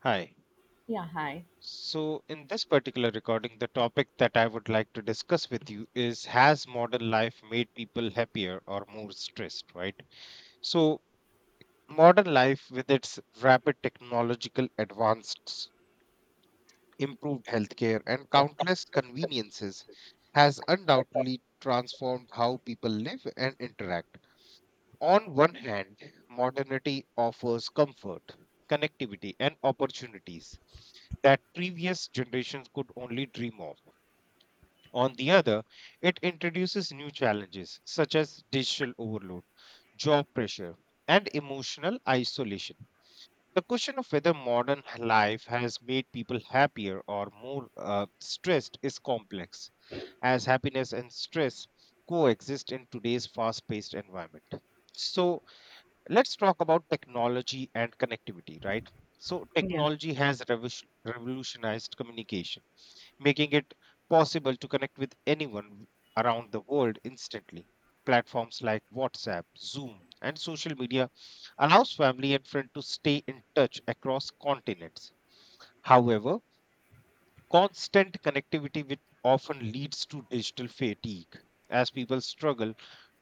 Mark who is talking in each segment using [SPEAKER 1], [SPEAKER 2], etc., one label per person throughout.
[SPEAKER 1] Hi.
[SPEAKER 2] Yeah, hi.
[SPEAKER 1] So, in this particular recording, the topic that I would like to discuss with you is has modern life made people happier or more stressed, right? So, modern life, with its rapid technological advances, improved healthcare, and countless conveniences, has undoubtedly transformed how people live and interact. On one hand, modernity offers comfort, connectivity, and opportunities that previous generations could only dream of. On the other, it introduces new challenges such as digital overload, job pressure, and emotional isolation. The question of whether modern life has made people happier or more stressed is complex, as happiness and stress coexist in today's fast paced environment. So, let's talk about technology and connectivity, right? So,
[SPEAKER 2] Yeah.
[SPEAKER 1] technology has revolutionized communication, making it possible to connect with anyone around the world instantly. Platforms like WhatsApp, Zoom, and social media allows family and friends to stay in touch across continents. However, constant connectivity which often leads to digital fatigue as people struggle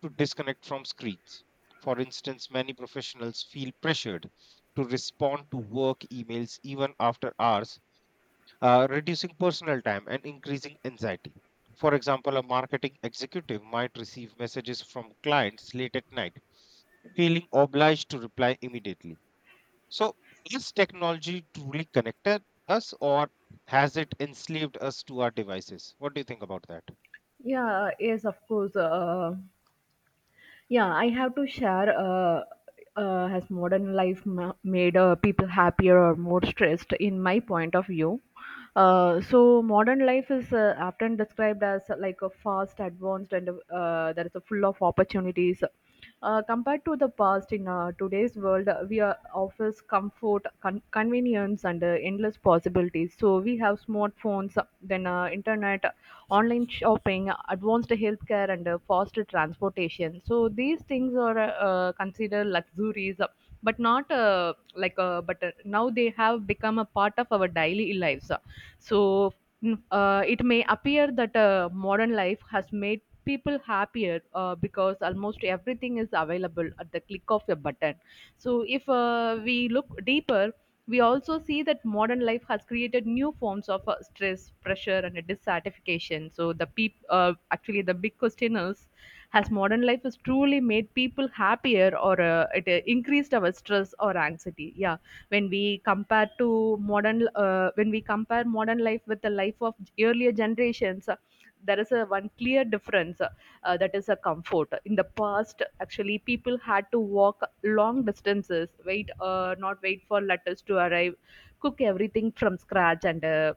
[SPEAKER 1] to disconnect from screens. For instance, many professionals feel pressured to respond to work emails even after hours, reducing personal time and increasing anxiety. For example, a marketing executive might receive messages from clients late at night, feeling obliged to reply immediately, so, is technology truly connected us or has it enslaved us to our devices? What do you think about that?
[SPEAKER 2] Yeah, yes, of course. Yeah, I have to share. Has modern life made people happier or more stressed, in my point of view? Modern life is often described as like a fast, advanced, and there is a full of opportunities. Compared to the past, in today's world, we are offers comfort, convenience, and endless possibilities. So we have smartphones, then internet, online shopping, advanced healthcare, and faster transportation. So these things are considered luxuries, but not like but now they have become a part of our daily lives. So it may appear that modern life has made people happier because almost everything is available at the click of a button. So, if we look deeper, we also see that modern life has created new forms of stress, pressure, and dissatisfaction. So, actually the big question is: Has modern life has truly made people happier, or it increased our stress or anxiety? Yeah, when we compare to modern when we compare modern life with the life of earlier generations, there is a one clear difference, that is a comfort. In the past actually people had to walk long distances, wait not wait for letters to arrive, cook everything from scratch, and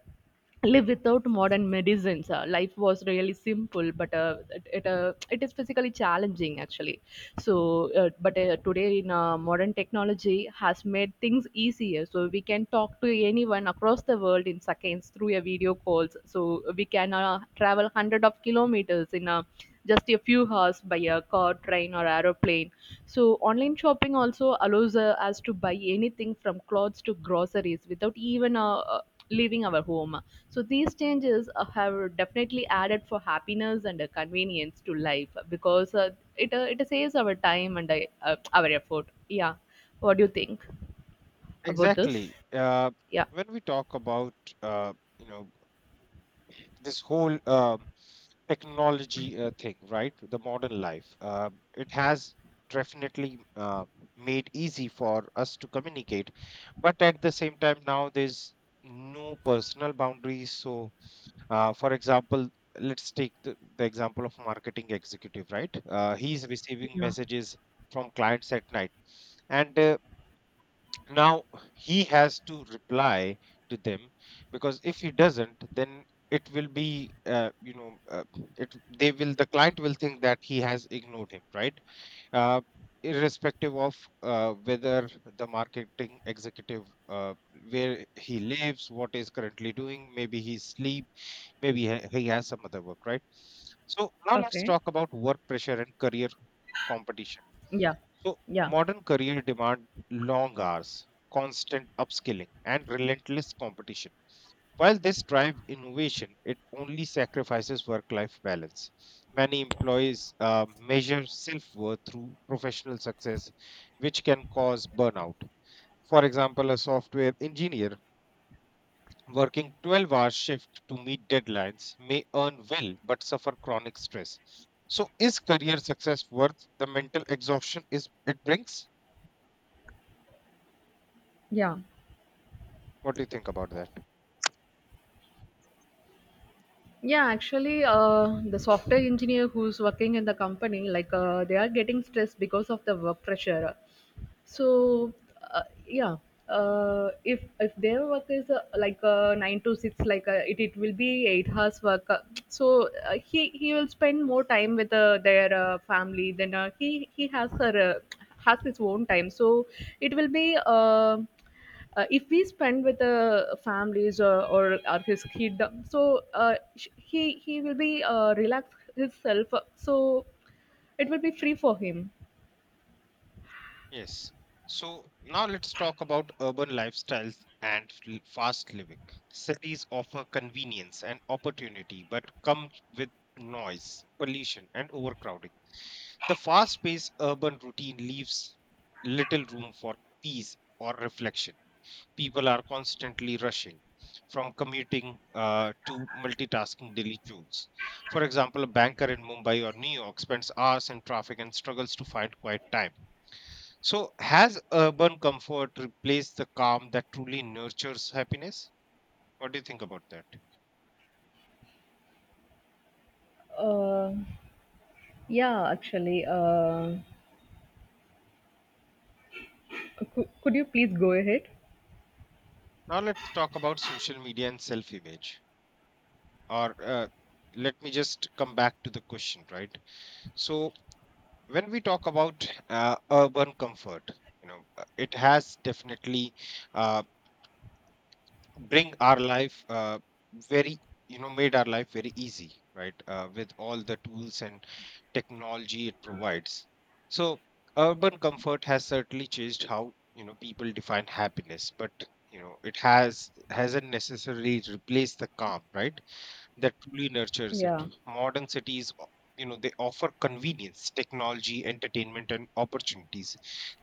[SPEAKER 2] live without modern medicines. Life was really simple but it is physically challenging actually. So but Today in modern technology has made things easier, so we can talk to anyone across the world in seconds through a video calls. So we can travel hundred of kilometers in a just a few hours by a car, train or aeroplane. So online shopping also allows us to buy anything from clothes to groceries without even leaving our home. So these changes have definitely added for happiness and convenience to life, because it saves our time and our effort. Yeah, what do you think about this?
[SPEAKER 1] Exactly.
[SPEAKER 2] Yeah,
[SPEAKER 1] When we talk about uh, you know this whole technology thing, right? The modern life, it has definitely made easy for us to communicate, but at the same time, now there's no personal boundaries. So for example, let's take the example of marketing executive, right? He's receiving
[SPEAKER 2] yeah,
[SPEAKER 1] messages from clients at night, and now he has to reply to them because if he doesn't, then it will be, it they will the client will think that he has ignored him, right? Uh, Irrespective of whether the marketing executive, uh, where he lives, what is currently doing, maybe he sleep, maybe he has some other work, right? So now let's
[SPEAKER 2] Okay.
[SPEAKER 1] talk about work pressure and career competition.
[SPEAKER 2] Yeah,
[SPEAKER 1] So
[SPEAKER 2] yeah,
[SPEAKER 1] modern career demand long hours, constant upskilling and relentless competition. While this drives innovation, it only sacrifices work life balance. Many employees uh, measure self worth through professional success, which can cause burnout. For example, a software engineer working 12-hour shift to meet deadlines may earn well but suffer chronic stress. So, is career success worth the mental exhaustion is it brings?
[SPEAKER 2] yeah.
[SPEAKER 1] What do you think about that?
[SPEAKER 2] Yeah, actually, the software engineer who's working in the company, like, they are getting stressed because of the work pressure. So, uh, yeah, if their work is nine to six, like it will be 8 hours work. He will spend more time with their family than he has her has his own time. So it will be. If we spend with the families, or his kid, he will be relax himself, so it will be free for him.
[SPEAKER 1] Yes. So, now let's talk about urban lifestyles and fast living. Cities offer convenience and opportunity but come with noise, pollution, and overcrowding. The fast paced urban routine leaves little room for peace or reflection. People are constantly rushing from commuting to multitasking daily chores. For example, a banker in Mumbai or New York spends hours in traffic and struggles to find quiet time. So, has urban comfort replaced the calm that truly nurtures happiness? What do you think about that?
[SPEAKER 2] Uh, Yeah, actually, could you please go ahead?
[SPEAKER 1] Now, let's talk about social media and self image. Or let me just come back to the question, right? So, when we talk about urban comfort, you know, it has definitely uh, bring our life very made our life very easy, right? With all the tools and technology it provides, so urban comfort has certainly changed how, you know, people define happiness, but, you know, it hasn't necessarily replaced the calm, right, that truly nurtures it.
[SPEAKER 2] Yeah,
[SPEAKER 1] Modern cities, you know, they offer convenience, technology, entertainment, and opportunities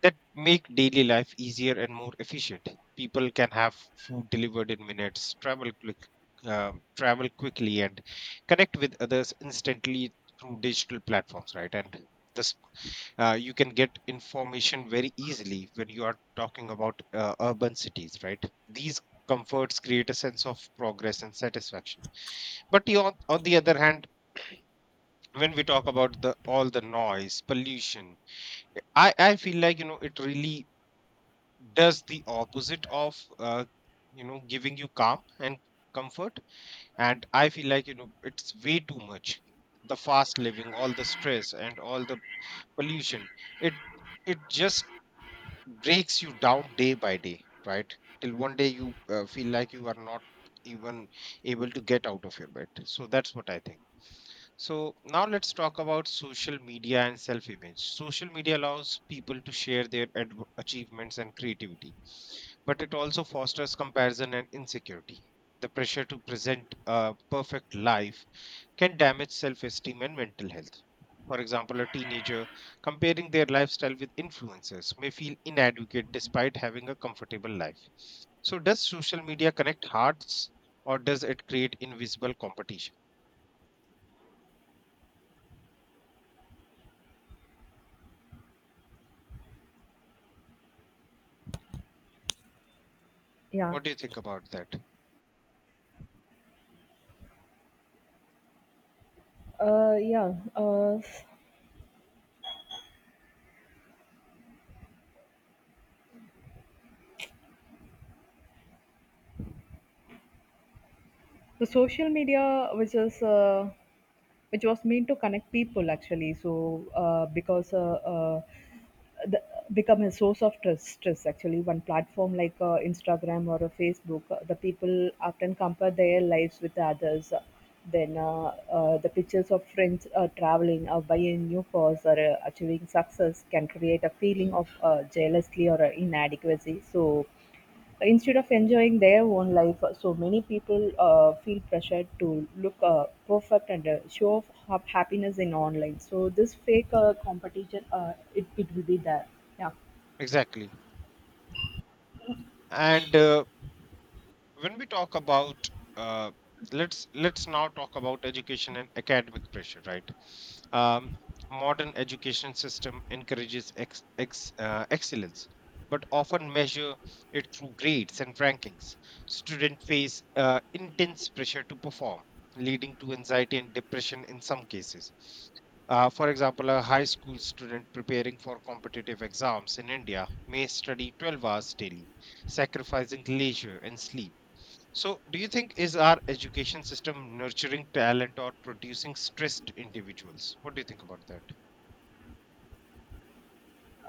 [SPEAKER 1] that make daily life easier and more efficient. People can have food delivered in minutes, travel quickly, and connect with others instantly through digital platforms, right? And this, you can get information very easily when you are talking about urban cities, right? These comforts create a sense of progress and satisfaction, but you, on the other hand, when we talk about the all the noise, pollution, I feel like, you know, it really does the opposite of, you know, giving you calm and comfort. And I feel like, you know, it's way too much. The fast living, all the stress, and all the pollution, it it just breaks you down day by day, right? Till one day you feel like you are not even able to get out of your bed. So that's what I think. So now let's talk about social media and self image. Social media allows people to share their achievements and creativity, but it also fosters comparison and insecurity. The pressure to present a perfect life can damage self esteem and mental health. For example, a teenager comparing their lifestyle with influencers may feel inadequate despite having a comfortable life. So, does social media connect hearts or does it create invisible competition?
[SPEAKER 2] yeah,
[SPEAKER 1] What do you think about that?
[SPEAKER 2] yeah. The social media, which is which was meant to connect people actually. The, Become a source of trust, trust actually one platform like Instagram or a Facebook, the people often compare their lives with others. Then uh, the pictures of friends traveling or buying new cars or achieving success can create a feeling of jealousy or inadequacy. So instead of enjoying their own life, so many people feel pressured to look perfect and happiness in online, so this fake competition it, it will be there. Yeah.
[SPEAKER 1] Exactly. And When we talk about, uh, let's now talk about education and academic pressure, right? um, Modern education system encourages excellence but often measure it through grades and rankings. Students face intense pressure to perform, leading to anxiety and depression in some cases. For example, a high school student preparing for competitive exams in India may study 12 hours daily, sacrificing leisure and sleep. So, do you think is our education system nurturing talent or producing stressed individuals? What do you think about that?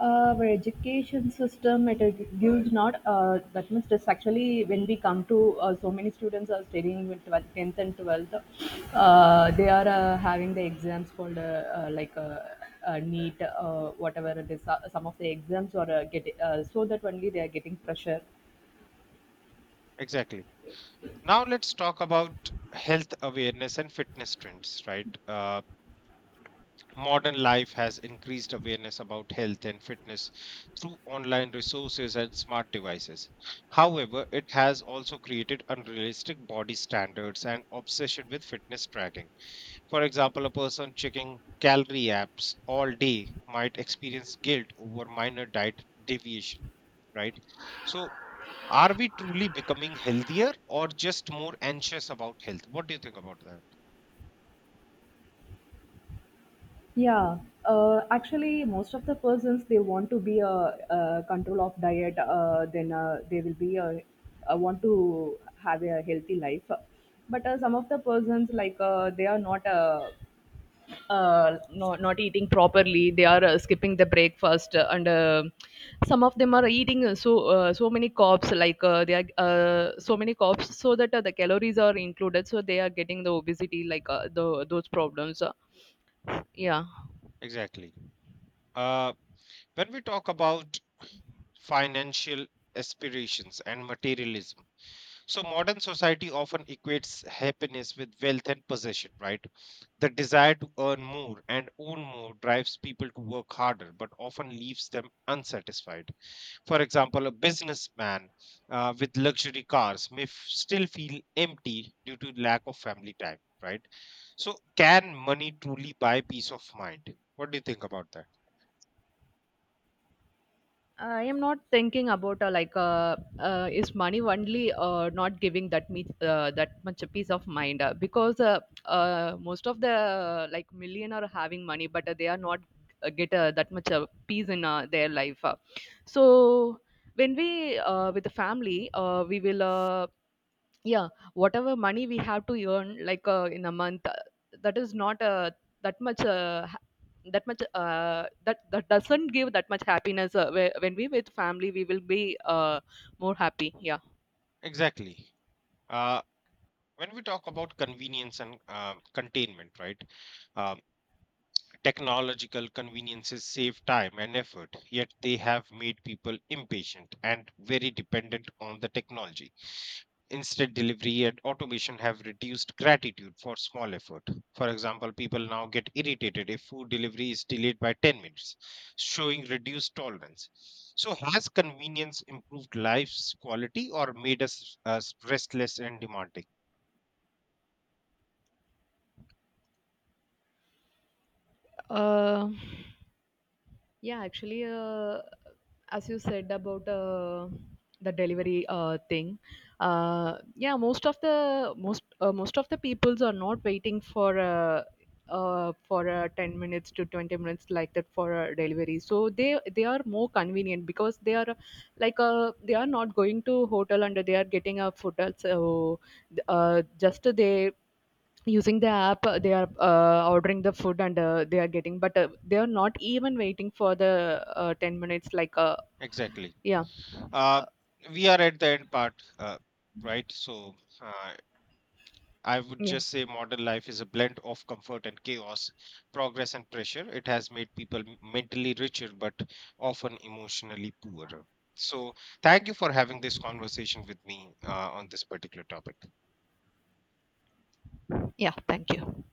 [SPEAKER 2] Our education system it gives not that much. It's actually when we come to so many students are studying with 12th, 10th and 12th, they are having the exams called uh, like uh, neat whatever it is. Some of the exams are get so that only they are getting pressure.
[SPEAKER 1] Exactly. Now let's talk about health awareness and fitness trends, right? Modern life has increased awareness about health and fitness through online resources and smart devices. However, it has also created unrealistic body standards and obsession with fitness tracking. For example, a person checking calorie apps all day might experience guilt over minor diet deviation, right? So, are we truly becoming healthier or just more anxious about health? What do you think about that?
[SPEAKER 2] Yeah, actually, most of the persons they want to be a control of diet. Then They will be want to have a healthy life. But some of the persons like they are not no, not eating properly. They are skipping the breakfast, and some of them are eating so many carbs. Like they are so many carbs, so that the calories are included. So they are getting the obesity, like those problems. Yeah.
[SPEAKER 1] Exactly. Uh, when we talk about financial aspirations and materialism, so modern society often equates happiness with wealth and possession, right? The desire to earn more and own more drives people to work harder, but often leaves them unsatisfied. For example, a businessman with luxury cars may still feel empty due to lack of family time, right? So, can money truly buy peace of mind? What do you think about that?
[SPEAKER 2] I am not thinking about is money only not giving that much a peace of mind, because most of the like million are having money but they are not get that much peace in their life. So when we with the family we will, yeah, whatever money we have to earn like in a month, that is not that much, that much, that that doesn't give that much happiness, when we with family we will be more happy. Yeah.
[SPEAKER 1] Exactly. Uh, when we talk about convenience and containment, right? Uh, Technological conveniences save time and effort, yet they have made people impatient and very dependent on the technology. Instant delivery and automation have reduced gratitude for small effort. For example, people now get irritated if food delivery is delayed by 10 minutes, showing reduced tolerance. So, has convenience improved life's quality or made us restless and demanding?
[SPEAKER 2] Uh, Yeah, actually, as you said about the delivery thing, yeah, most of the most of the peoples are not waiting for 10 minutes to 20 minutes like that for a delivery. So they are more convenient because they are they are not going to hotel and they are getting a hotel. So just they using the app, they are ordering the food and they are getting, but they are not even waiting for the 10 minutes
[SPEAKER 1] Exactly.
[SPEAKER 2] yeah
[SPEAKER 1] Uh,
[SPEAKER 2] uh,
[SPEAKER 1] we are at the end part, right? So, uh, I would
[SPEAKER 2] yeah
[SPEAKER 1] just say modern life is a blend of comfort and chaos, progress and pressure. It has made people mentally richer, but often emotionally poorer. So, thank you for having this conversation with me on this particular topic.
[SPEAKER 2] yeah thank you